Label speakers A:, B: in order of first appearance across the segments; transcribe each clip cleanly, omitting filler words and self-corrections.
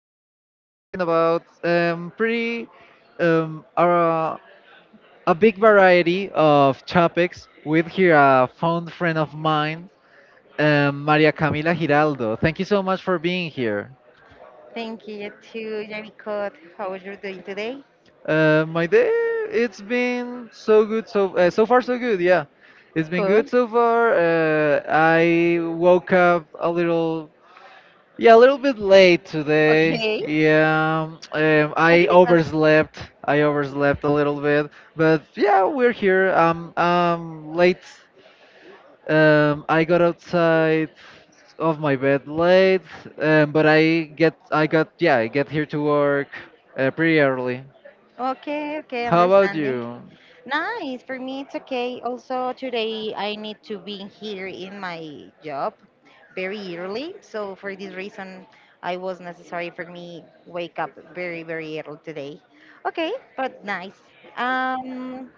A: we're going to be talking about um, our, a big variety of topics with here a fond friend of mine, Maria Camila Giraldo. Thank you so much for being here.
B: Thank you too, Jericho. How are you doing today?
A: My day, it's been so good, so far so good. Yeah, it's been good
B: Good.
A: so far. I woke up a little. Yeah, a little bit late today.
B: Okay.
A: Yeah, I
B: Maybe because.
A: overslept. I overslept a little bit, but yeah, we're here. Late. I got outside of my bed late, but I get, I got, yeah, I get here to work pretty early.
B: Okay, okay,
A: How about
B: understanding.
A: you?
B: Nice. For me, it's okay. Also, today I need to be here in my job very early. So for this reason, I was necessary for me wake up very, very early today. Okay, but nice. Um,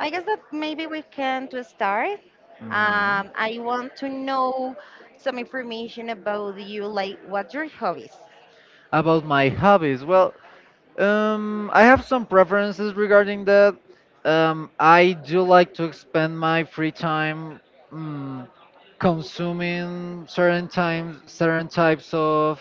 B: I guess that maybe we can to start.
A: Hmm.
B: I want to know some information about you, like what's your hobbies?
A: About my hobbies, well, I have some preferences regarding that. I do like to spend my free time, mm, consuming certain types of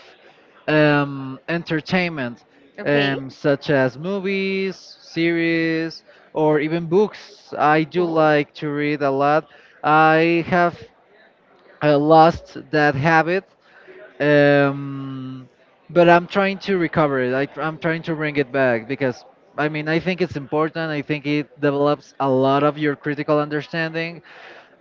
A: entertainment,
B: Okay.
A: such as movies, series, or even books. I do
B: Cool.
A: like to read a lot. I have lost that habit, um, but I'm trying to recover it. I'm trying to bring it back because I mean I think it's important. I think it develops a lot of your critical understanding,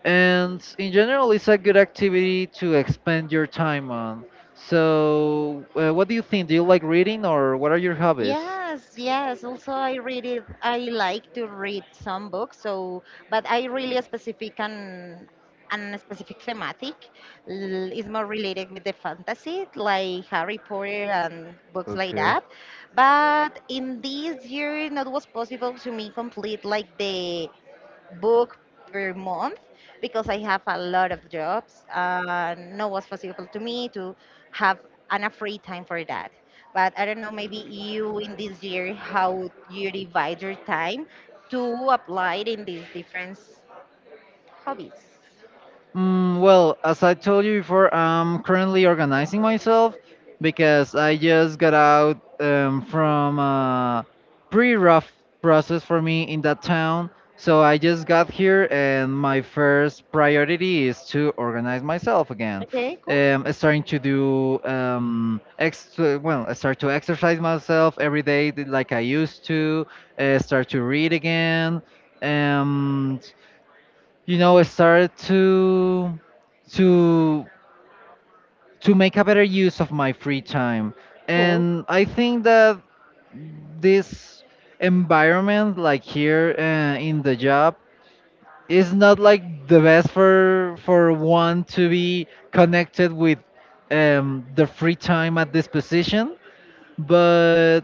A: and in general, it's a good activity to expend your time on. So, what do you think? Do you like reading, or what are your hobbies?
B: Yes, yes. Also, I read it. I like to read some books. So, but I really specific and specific thematic is more related with the fantasy, like Harry Potter and books like
A: Okay.
B: that. But in this year, not was possible to me complete like the book per month because I have a lot of jobs. No was possible to me to have an a free time for that. But I don't know, maybe you in this year how you divide your time to apply it in these different hobbies.
A: Well, as I told you before, I'm currently organizing myself because I just got out from a pretty rough process for me in that town. So I just got here, and my first priority is to organize myself again.
B: Okay, cool.
A: I starting to do, ex well, I start to exercise myself every day, like I used to. Start to read again. Um, I started to to make a better use of my free time,
B: Cool.
A: and I think that this environment, like here in the job, is not like the best for one to be connected with the free time at this position, but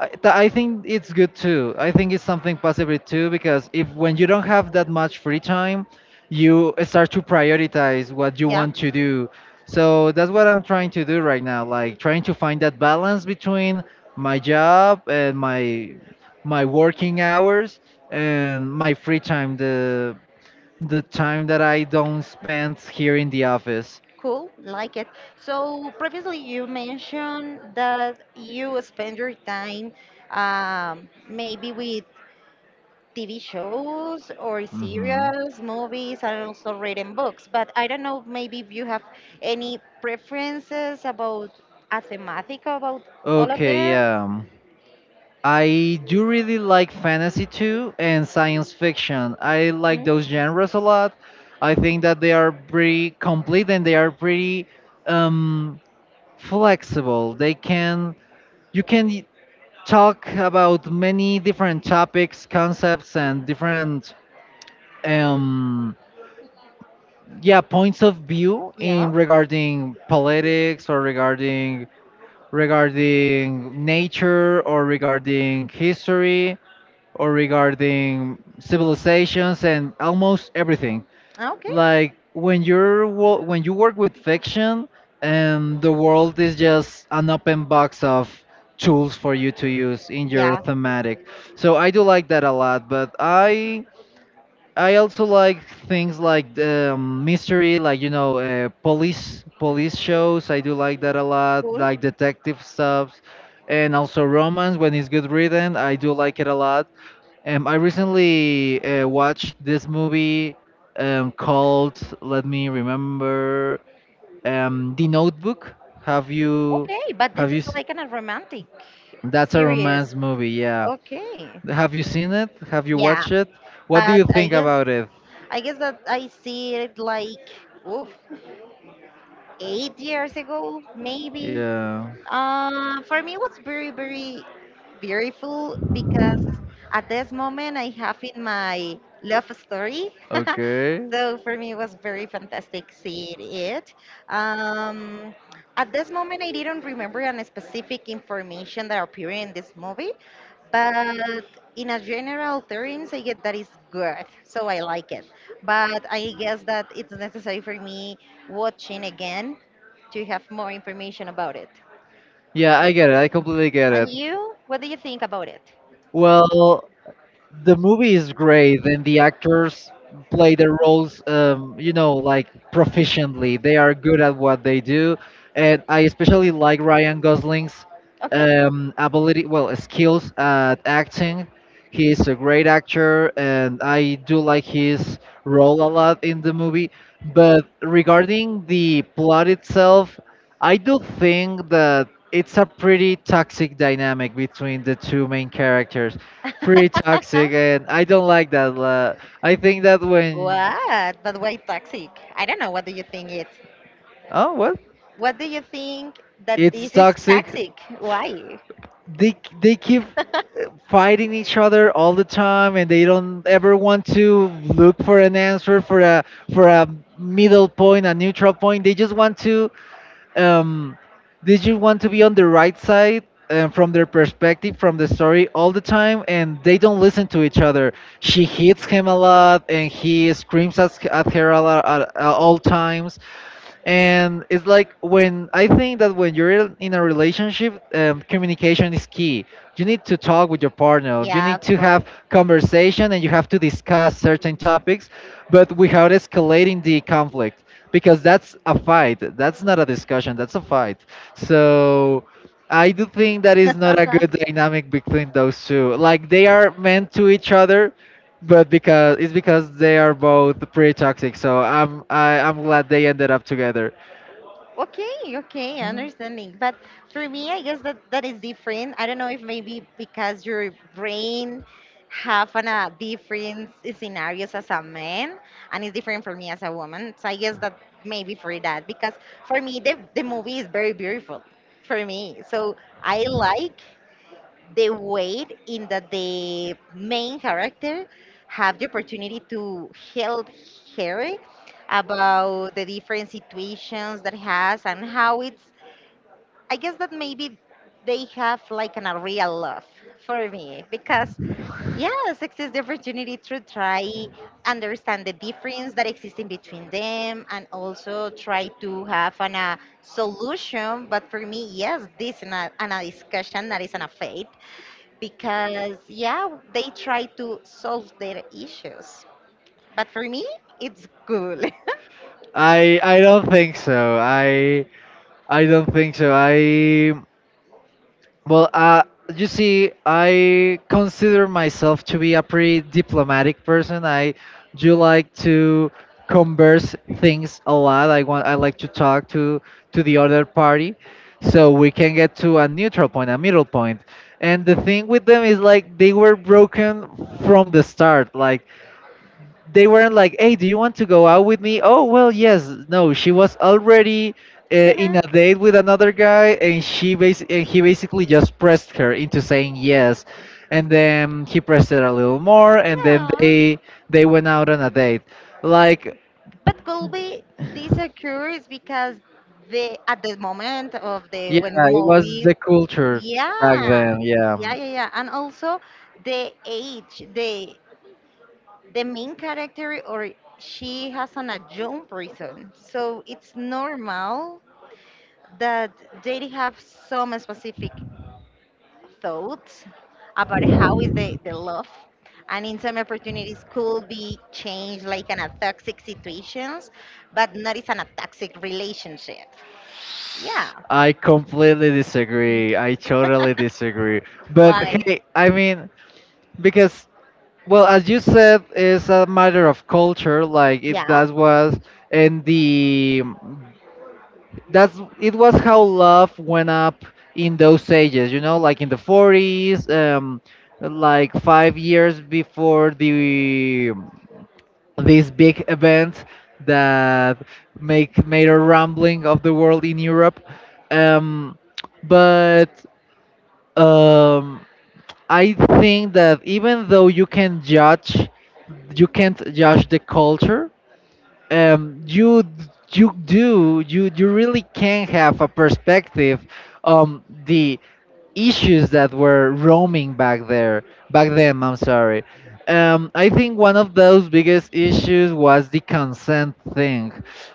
A: I think it's good too. I think it's something positive too, because if when you don't have that much free time, you start to prioritize what you
B: Yeah.
A: want to do. So that's what I'm trying to do right now, like trying to find that balance between my job and my working hours and my free time, the time that I don't spend here in the office.
B: Cool, like it. So previously you mentioned that you spend your time maybe with TV shows or
A: Hmm.
B: serials, movies, and also reading books. But I don't know, maybe if you have any preferences about a thematic about all of
A: Okay,
B: them.
A: yeah. I do really like fantasy too, and science fiction. I like
B: Hmm?
A: those genres a lot. I think that they are pretty complete, and they are pretty um, flexible. They can You can talk about many different topics, concepts, and different, um, yeah, points of view,
B: Yeah.
A: in regarding politics, or regarding nature, or regarding history, or regarding civilizations, and almost everything.
B: Ah, okay.
A: Like when you work with fiction, and the world is just an open box of tools for you to use in your
B: Yeah.
A: thematic. So I do like that a lot, but I also like things like the mystery, like, police shows. I do like that a lot,
B: Cool.
A: like detective stuff, and also romance when it's good written. I do like it a lot. I recently watched this movie, called, let me remember, The Notebook. Have you,
B: Okay. But this
A: have you?
B: is
A: s-
B: like an, a romantic
A: That's a
B: series.
A: romance movie. Yeah.
B: Okay.
A: Have you seen it? Have you
B: Yeah.
A: watched it? What do
B: But
A: you
B: I
A: think
B: guess
A: about it?
B: I guess that I see it like oof, 8 years ago, maybe.
A: Yeah.
B: For me, it was very, very beautiful because at this moment I have in my love story.
A: Okay.
B: So for me, it was very fantastic seeing it. Um, at this moment, I didn't remember any specific information that appeared in this movie, but in a general terms, I get that is good. So I like it. But I guess that it's necessary for me watching again to have more information about it.
A: Yeah, I get it. I completely get
B: And
A: it.
B: you, what do you think about it?
A: Well, the movie is great, and the actors play their roles, like, proficiently. They are good at what they do. And I especially like Ryan Gosling's
B: Okay.
A: ability, well, skills at acting. He is a great actor, and I do like his role a lot in the movie. But regarding the plot itself, I do think that it's a pretty toxic dynamic between the two main characters. Pretty toxic, and I don't like that. I think that when,
B: What? But why toxic? I don't know. What do you think it?
A: oh what
B: What do you think that
A: it's
B: this is
A: toxic,
B: toxic? Why?
A: they keep fighting each other all the time, and they don't ever want to look for an answer for a, for a middle point, a neutral point. They just want to, um, did you want to be on the right side, and from their perspective, from the story, all the time, and they don't listen to each other. She hits him a lot, and he screams at her a lot, at all times. And it's like when I think that when you're in a relationship, communication is key. You need to talk with your partner, you
B: Yeah,
A: need
B: of
A: to
B: course.
A: have conversation, and you have to discuss certain topics, but without escalating the conflict, because that's a fight. That's not a discussion, that's a fight. So I do think that is not a good dynamic between those two, like they are meant to each other, but because it's because they are both pretty toxic. So I'm glad they ended up together.
B: Okay, okay, understanding. But for me, I guess that that is different. I don't know if maybe because your brain have an, a different scenarios as a man, and it's different for me as a woman. So I guess that maybe for that, because for me the movie is very beautiful for me. So I like the weight in that the main character have the opportunity to help her about the different situations that has and how it's I guess that maybe they have like an, a real love for me, because yeah, sex is the opportunity to try understand the difference that exists in between them and also try to have an, a solution. But for me, yes, this is not an, a discussion, that is an affair because yeah, they try to solve their issues. But for me, it's cool.
A: I don't think so. I don't think so. I Well, you see, I consider myself to be a pretty diplomatic person. I do like to converse things a lot. I like to talk to the other party, so we can get to a neutral point, a middle point. And the thing with them is like they were broken from the start. Like they weren't like, "Hey, do you want to go out with me?" Oh, well, yes. No, she was already in a date with another guy, and he basically just pressed her into saying yes, and then he pressed her a little more, and then
B: Yeah,
A: they went out on a date. Like,
B: but Colby, this occurs because the at the moment of the
A: yeah,
B: when
A: it was
B: movie.
A: the culture back
B: Yeah,
A: then. Yeah.
B: yeah, yeah, yeah, and also the age, the main character, or she has an adjunct reason. So it's normal that they have some specific thoughts about how is the love, and in some opportunities could be changed like in a toxic situations, but not it's in a toxic relationship. Yeah,
A: I completely disagree. I totally disagree. But hey, I mean, because well, as you said, it's a matter of culture.
B: yeah,
A: That was, and the that's it was how love went up in those ages. You know, like in the 40s, like 5 years before the this big event that make made a rambling of the world in Europe. Um, but um, I think that even though you can judge, you can't judge the culture. You you do you you really can have a perspective on the issues that were roaming back there, back then. I'm sorry. I think one of those biggest issues was the consent thing,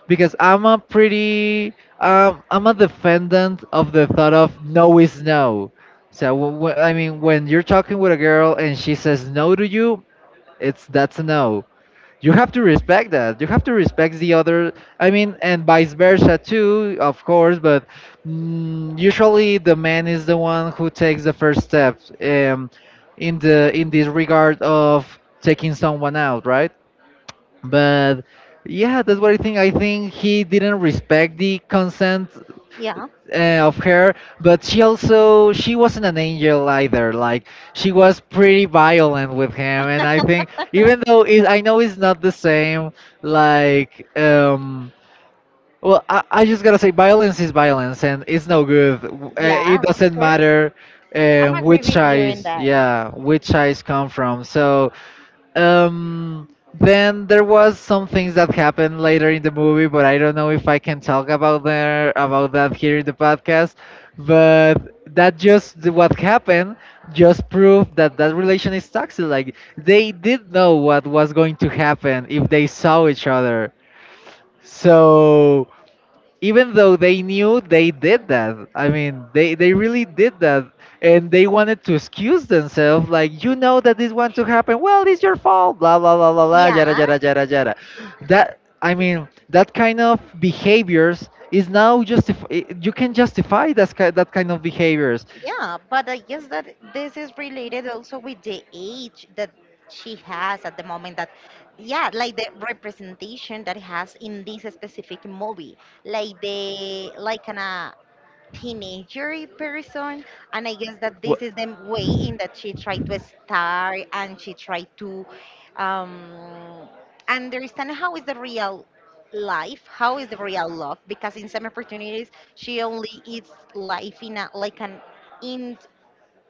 A: because I'm a defendant of the thought of no is no. So I mean, when you're talking with a girl and she says no to you, it's that's a no. You have to respect that, you have to respect the other. I mean, and vice versa too, of course, but usually the man is the one who takes the first step, in the in this regard of taking someone out, right? But yeah, that's what I think. I think he didn't respect the consent
B: yeah,
A: of her. But she wasn't an angel either, like, she was pretty violent with him. And I think, even though I know it's not the same, like, well, I just gotta say violence is violence, and it's no good. It
B: yeah, of
A: doesn't
B: course,
A: matter
B: I'm agree
A: which
B: with you in
A: eyes,
B: that.
A: yeah, which eyes come from. So, um, then there was some things that happened later in the movie, but I don't know if I can talk about that here in the podcast. But that just what happened just proved that that relation is toxic. Like they did know what was going to happen if they saw each other. So even though they knew they did that, I mean they really did that. And they wanted to excuse themselves, like, you know, that this wants to happen, well, it's your fault, blah blah blah blah blah, yada
B: Yeah.
A: yada yada yada. That I mean, that kind of behaviors is now justif you can justify that, that kind of behaviors.
B: Yeah, but I guess that this is related also with the age that she has at the moment that. Yeah, like the representation that it has in this specific movie. Like the, like an teenagery person, and I guess that
A: Wha-
B: this is the way in that she tried to start and she tried to um, understand how is the real life, how is the real love, because in some opportunities she only eats life in a like an, in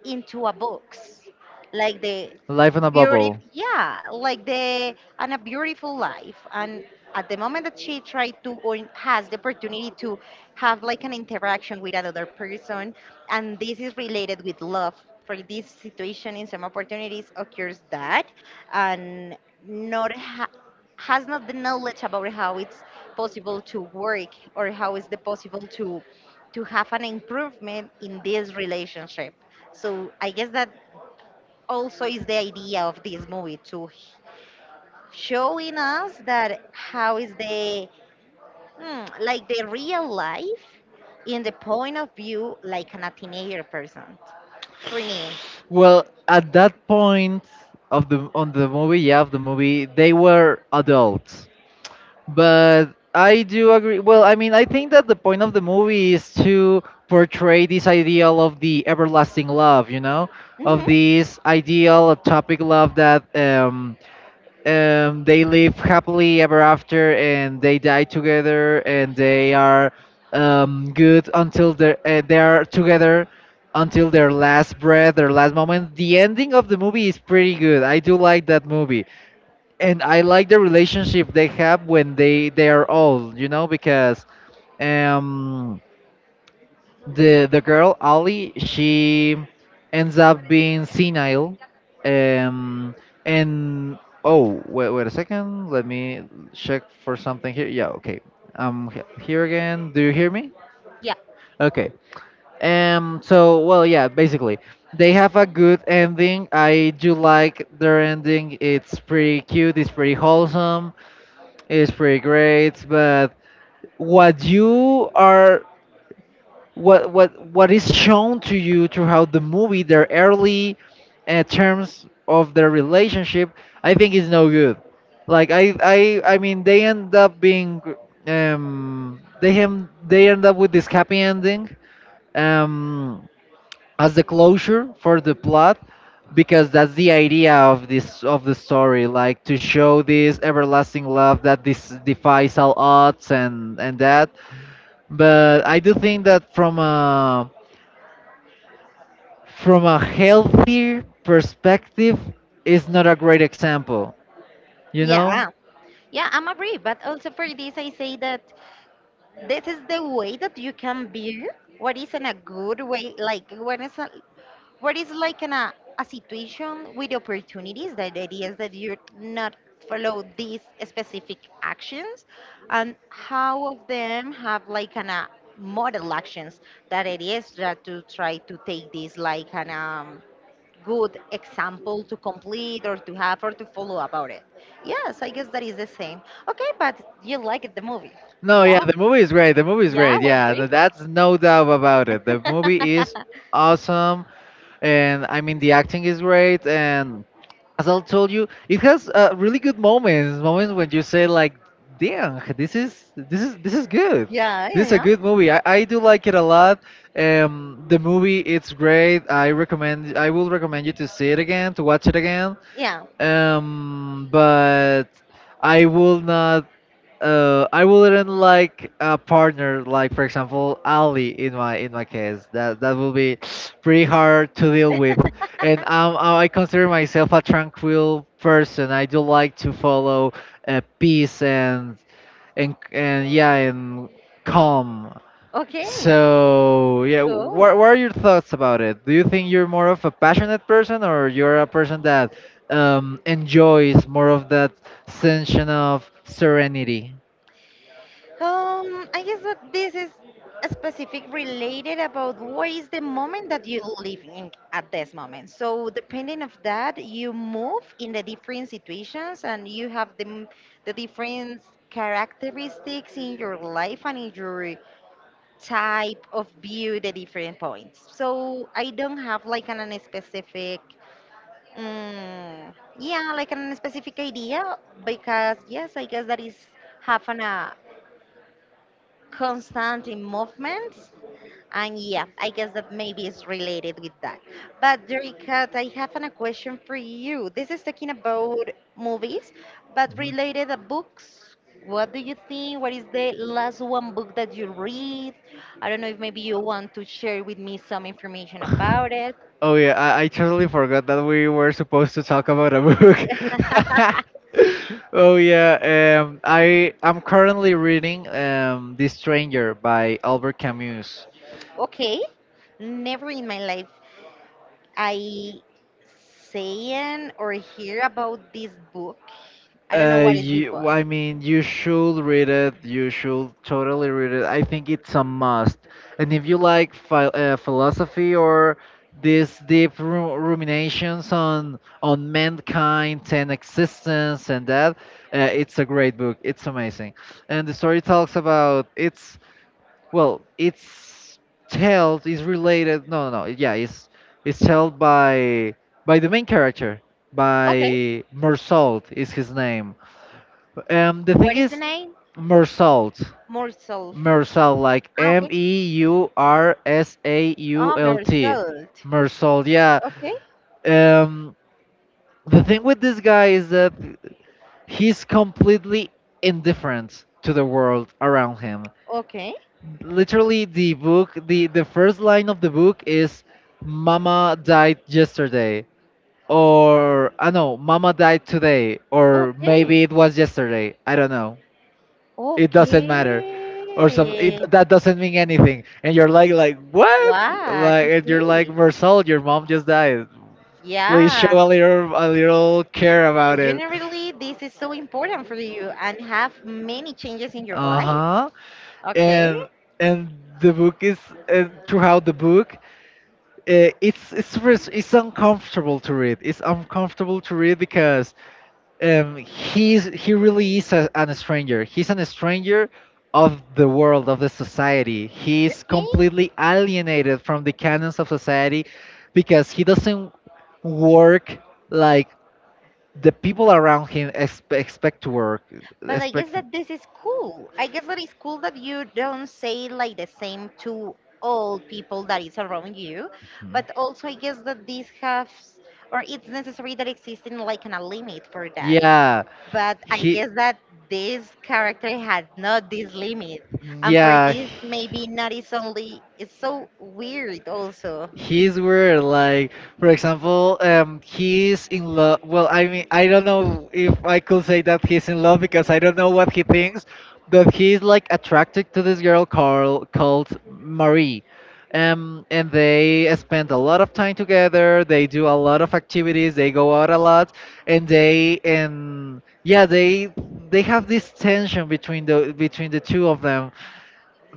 B: into a box like the.
A: Life in a bubble.
B: Beautiful, yeah, like the and a beautiful life, and at the moment that she tried to or has the opportunity to have like an interaction with another person, and this is related with love. For this situation in some opportunities occurs that, and not has not the knowledge about how it's possible to work or how is the possible to have an improvement in this relationship. So I guess that also is the idea of this movie to showing us that how is the, like the real life in the point of view, like an a teenager person for me.
A: Well, at that point of the on the movie, yeah, of the movie, they were adults. But I do agree. Well, I mean, I think that the point of the movie is to portray this ideal of the everlasting love, you know, of
B: Hmm.
A: this ideal atopic love, that they live happily ever after, and they die together, and they are good until they are together until their last breath, their last moment. The ending of the movie is pretty good. I do like that movie. And I like the relationship they have when they are old, you know, because. Um, the girl Ali, she ends up being senile. Um and Oh, wait a second, let me check for something here. Yeah. Okay, I'm here again. Do you hear me?
B: Yeah.
A: Okay. Yeah, basically they have a good ending. I do like their ending. It's pretty cute, it's pretty wholesome, it's pretty great. But what you are — what is shown to you throughout the movie, their early terms of their relationship, I think is no good. Like, I mean, they end up being — they hem they end up with this happy ending um as the closure for the plot, because that's the idea of this of the story, like to show this everlasting love that this defies all odds and that. But I do think that from a — from a healthier perspective is not a great example you know
B: Yeah, yeah, I'm agree, but also for this I say that this is the way that you can view what is in a good way, like what is a. What is like an, a situation with opportunities that it is that you're not follow these specific actions, and how of them have like an a model actions that it is that to try to take this like an good example to complete or to have or to follow about it. Yes, I guess that is the same. Okay, but you liked the movie.
A: no, yeah,
B: Yeah,
A: the movie is great, the movie is
B: yeah,
A: great,
B: it was
A: yeah,
B: beautiful.
A: that's no doubt about it. The movie is awesome. And I mean, the acting is great, and as I told you, it has really good moments when you say like, damn, this is this is good.
B: Yeah,
A: This is a
B: yeah,
A: good movie. I do like it a lot. Um, the movie it's great I will recommend you to see it again, to watch it again.
B: yeah,
A: Um, but I will not — I wouldn't like a partner like, for example, Ali, in my — in my case. That that will be pretty hard to deal with. And
B: yeah.
A: I consider myself a tranquil person. I do like to follow peace and — and yeah, and calm.
B: Okay,
A: So yeah,
B: cool.
A: what are your thoughts about it? Do you think you're more of a passionate person, or you're a person that enjoys more of that sense of serenity?
B: I guess that this is a specific related about what is the moment that you're living at this moment. So depending of that, you move in the different situations and you have the different characteristics in your life and in your type of view the different points. So I don't have like an specific. Yeah, like an specific idea, because yes, I guess that is having a constant in movements, and yeah, I guess that maybe is related with that. But Jerica, I have a question for you. This is talking about movies, but related to books. What do you think? What is the last one book that you read? I don't know if maybe you want to share with me some information
A: Mhm.
B: about it.
A: Oh yeah, I totally forgot that we were supposed to talk about a book. Oh yeah, I'm currently reading *The Stranger* by Albert Camus.
B: Okay. Never in my life I saying or hear about this book. I don't know what is this
A: You —
B: book.
A: well, I mean, you should read it. You should totally read it. I think it's a must. And if you like philosophy or these deep ru ruminations on — on mankind and existence and that, it's a great book. It's amazing. And the story talks about — it's — well, it's told is related. No, no, no. Yeah, it's — it's told by — by the main character,
B: Okay,
A: by Mersault is his name. The
B: what
A: thing
B: is the
A: is —
B: name?
A: Mersalt.
B: More Self.
A: Mersalt, like
B: Ah,
A: M
B: okay.
A: E U R S A U
B: Ah,
A: L
B: More
A: T.
B: Self.
A: Mersalt, yeah.
B: Okay,
A: Um, the thing with this guy is that he's completely indifferent to the world around him.
B: okay,
A: Literally, the book, the — the first line of the book is, Mama died yesterday. Or, I know, Mama died today. Or
B: okay,
A: maybe it was yesterday. I don't know. It doesn't matter, or some it
B: okay.
A: that doesn't mean anything. And you're like — like, what?
B: What?
A: Like, and you're like,
B: Okay.
A: Marcel, your mom just died, please show
B: Yeah.
A: a little — a little care about it.
B: Generally, this is so important for you and have many changes in your life.
A: Uh-huh.
B: Okay.
A: And — and the book is — and throughout the book, it's — it's uncomfortable to read, it's uncomfortable to read because he's — he really is a, an stranger, he's an stranger of the
B: Okay.
A: world, of the society. He's completely alienated from the canons of society because he doesn't work like the people around him expect to work.
B: But I guess
A: Expect.
B: that this is cool. I guess that it's cool that you don't say like the same to all people that is around you, but also I guess that this has, or it's necessary that existing like an a limit for that.
A: Yeah.
B: But I
A: He —
B: guess that this character had not this limit, and for
A: yeah,
B: this maybe not is only, it's so weird also.
A: he's weird. Like, for example, he's in love. Well, I mean, I don't know if I could say that he's in love because I don't know what he thinks, but he's like attracted to this girl called — called Marie. And they spend a lot of time together. They do a lot of activities. They go out a lot, and they — and yeah, they — they have this tension between the — between the two of them.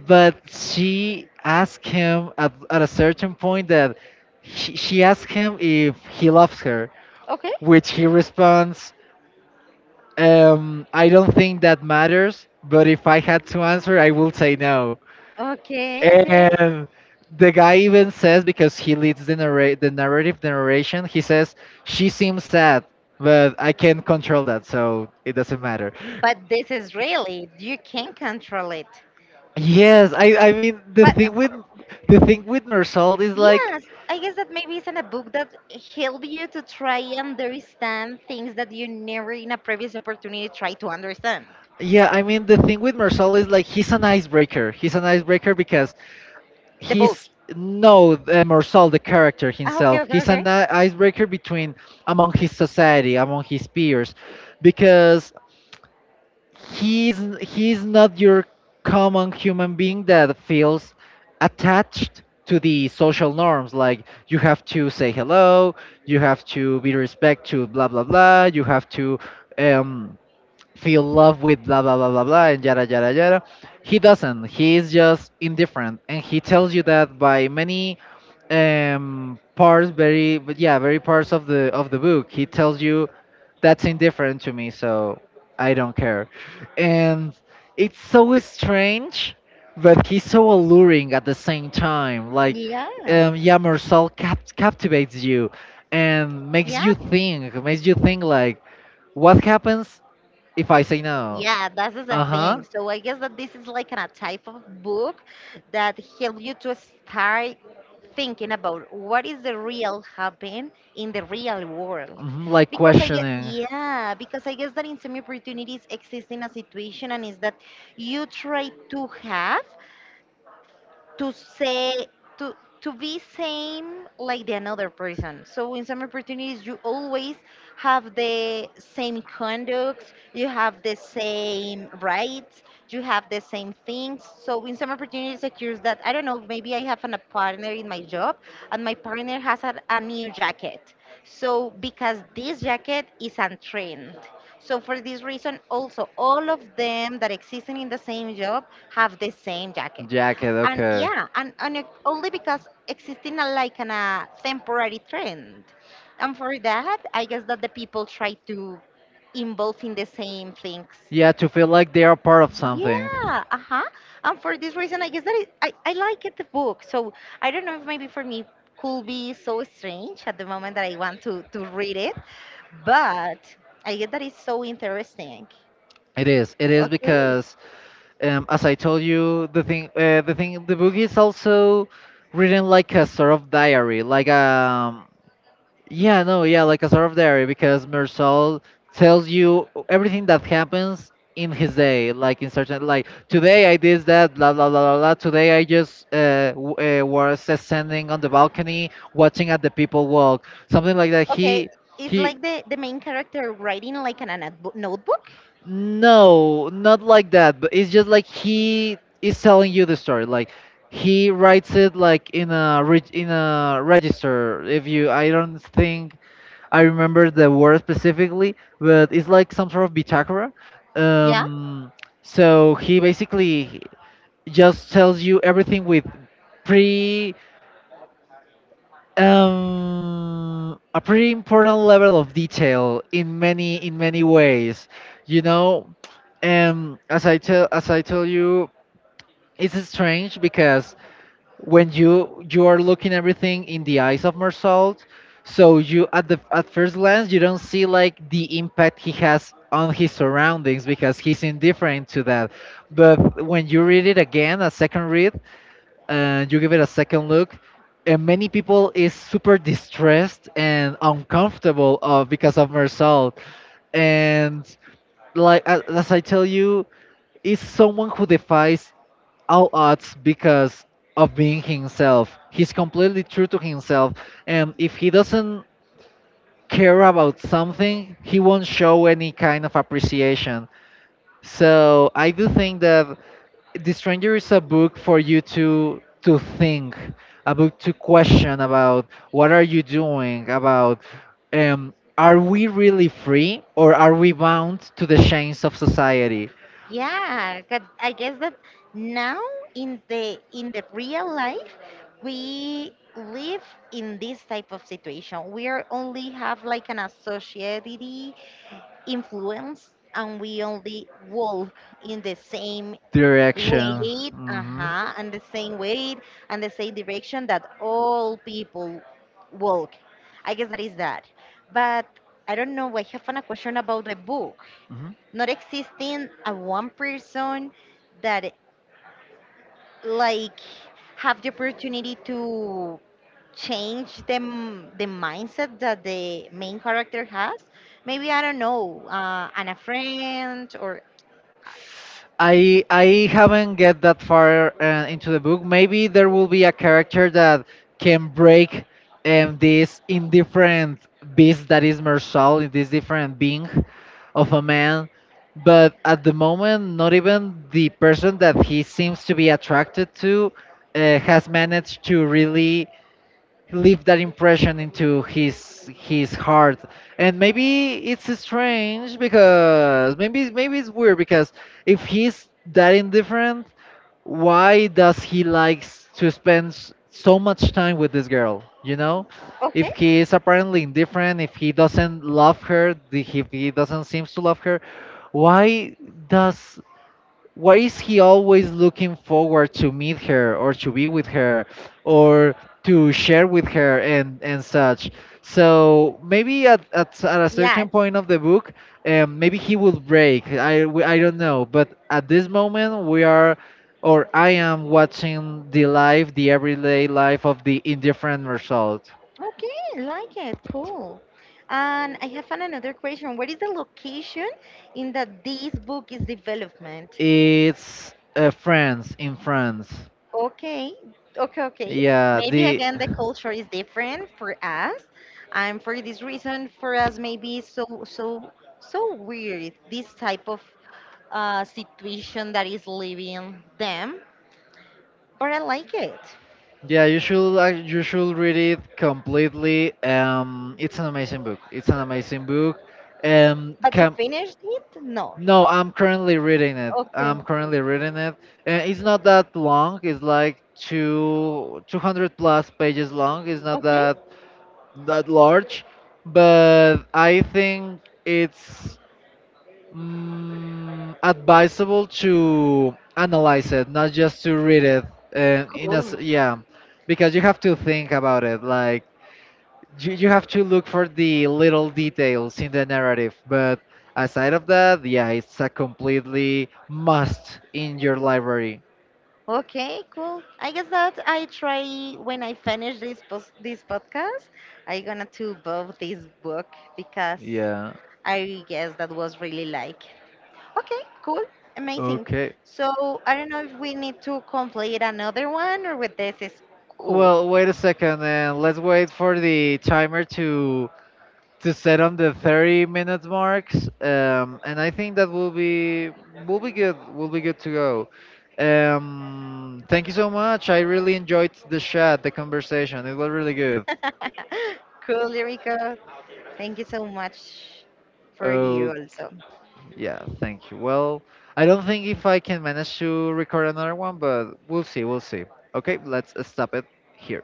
A: But she asked him at — at a certain point that, she asked him if he loves her,
B: Okay,
A: which he responds, I don't think that matters, but if I had to answer, I will say no.
B: okay, okay.
A: And the guy even says, because he leads the — the narrative, the narration, he says, she seems sad, but I can't control that, so it doesn't matter.
B: But this is really, you can control it.
A: Yes, I mean, the
B: But
A: thing with — the thing with Marisol is like —
B: yes, I guess that maybe it's in a book that help you to try and understand things that you never in a previous opportunity try to understand.
A: Yeah, I mean, the thing with Marsal is like, he's an icebreaker. He's an icebreaker because
B: The book.
A: he's — no, Marsal, the character
B: Ah, okay,
A: himself.
B: okay,
A: He's
B: okay.
A: an icebreaker between — among his society, among his peers, because he's — he's not your common human being that feels attached to the social norms. Like, you have to say hello, you have to be respect to blah blah blah, you have to um, feel love with blah blah blah blah blah and yada yada yada. He doesn't. He is just indifferent, and he tells you that by many parts, very but yeah, very parts of the — of the book. He tells you, that's indifferent to me, so I don't care. And it's so strange, but he's so alluring at the same time. Like,
B: Yeah.
A: yeah, Marcel captivates you and
B: Yeah,
A: makes you think like, what happens if I say no.
B: yeah, that's the
A: Uh huh.
B: thing. So I guess that this is like a type of book that help you to start thinking about what is the real happen in the real world.
A: Hmm, like
B: Because I guess,
A: questioning.
B: yeah, because I guess that in some opportunities exist in a situation, and is that you try to have to say to to be same like the another person. So in some opportunities you always have the same conducts, you have the same rights, you have the same things. So in some opportunities it occurs that I don't know, maybe I have an, a partner in my job, and my partner has a new jacket. So because this jacket is on trend. So for this reason also all of them that existing in the same job have the same jacket,
A: Jacket,
B: and
A: okay.
B: yeah, and only because existing a, like an, a temporary trend, and for that I guess that the people try to involve in the same things.
A: Yeah, to feel like they are part of something.
B: Yeah, uh-huh, and for this reason I guess that I like it the book. So I don't know if maybe for me could be so strange at the moment that I want to read it, but I get that it's so interesting.
A: It is. It is
B: Okay.
A: because — as I told you, the thing, the thing, the book is also written like a sort of diary, like yeah, no, yeah, like a sort of diary because Mersal tells you everything that happens in his day, like in certain, like, today I did that, blah blah blah blah blah. Today I just was standing on the balcony watching at the people walk, something like that.
B: Okay, it's
A: He
B: like the main character writing like in a notebook. Notebook?
A: No, not like that. But it's just like he is telling you the story. Like he writes it like in a in a register if you — I don't think I remember the word specifically, but it's like some sort of bitakra.
B: Yeah.
A: um so he basically just tells you everything with pretty a pretty important level of detail in many — in many ways you know as I tell you, it's strange because when you — you are looking everything in the eyes of Marcel, so you at the — at first glance you don't see like the impact he has on his surroundings because he's indifferent to that. But when you read it again, a second read, and you give it a second look, and many people is super distressed and uncomfortable of because of Marcel, and like as I tell you, is someone who defies all odds because of being himself. He's completely true to himself, and if he doesn't care about something, he won't show any kind of appreciation. So I do think that The Stranger is a book for you to — to think, a book to question about what are you doing, about are we really free, or are we bound to the chains of society?
B: Yeah, 'cause I guess that now in the real life we live in this type of situation. We are only have like an a society influence, and we only walk in the same
A: Direction.
B: weight,
A: Hmm.
B: uh-huh, and the same weight and the same direction that all people walk. I guess that is that, but I don't know, I have a question about the book.
A: Hmm.
B: Not existing a one person that like have the opportunity to change the mindset that the main character has. Maybe I don't know, and a friend or uh,
A: I haven't get that far into the book. Maybe there will be a character that can break this indifferent beast that is Marcel, this different being of a man. But at the moment, not even the person that he seems to be attracted to has managed to really leave that impression into his — his heart. And maybe it's strange because maybe it's weird because, if he's that indifferent, why does he likes to spend so much time with this girl?
B: okay,
A: If he
B: yes,
A: is apparently indifferent, if he doesn't love her, if he doesn't seems to love her, why does — why is he always looking forward to meet her or to be with her, or to share with her and — and such. So maybe at — at a certain point of the book, maybe he will break. I don't know, but at this moment we are — or I am watching the life — the everyday life of the indifferent result.
B: okay, like it, cool. And I have another question. What is the location in that this book is development?
A: It's France. In France.
B: Okay, okay, okay.
A: Yeah,
B: Maybe
A: the —
B: again, the culture is different for us, and for this reason, for us, maybe it's so weird this type of situation that is leaving them. But I like it.
A: Yeah, you should you should read it completely. It's an amazing book. It's an amazing book.
B: But they
A: Can —
B: finished it? No.
A: no, I'm currently reading it.
B: Okay.
A: I'm currently reading it, and it's not that long. It's like two hundred plus pages long. It's not
B: Okay.
A: that — that large, but I think it's advisable to analyze it, not just to read it. And in a s —
B: Cool.
A: yeah, because you have to think about it. Like you — you have to look for the little details in the narrative. But aside of that, yeah, it's a completely must in your library.
B: Okay. Cool. I guess that I try when I finish this post this podcast. I gonna to both this book because
A: Yeah.
B: I guess that was really like. Okay, cool. Amazing.
A: Okay.
B: So I don't know if we need to complete another one, or with this is cool.
A: Well, wait a second, and let's wait for the timer to — to set on the 30 minutes marks, and I think that will be good, will be good to go. Thank you so much. I really enjoyed the chat, the conversation, it was really good.
B: Cool, Lyrica. Thank you so much for you
A: Oh
B: also.
A: yeah, thank you. Well, I don't think if I can manage to record another one, but we'll see, we'll see. Okay, let's stop it here.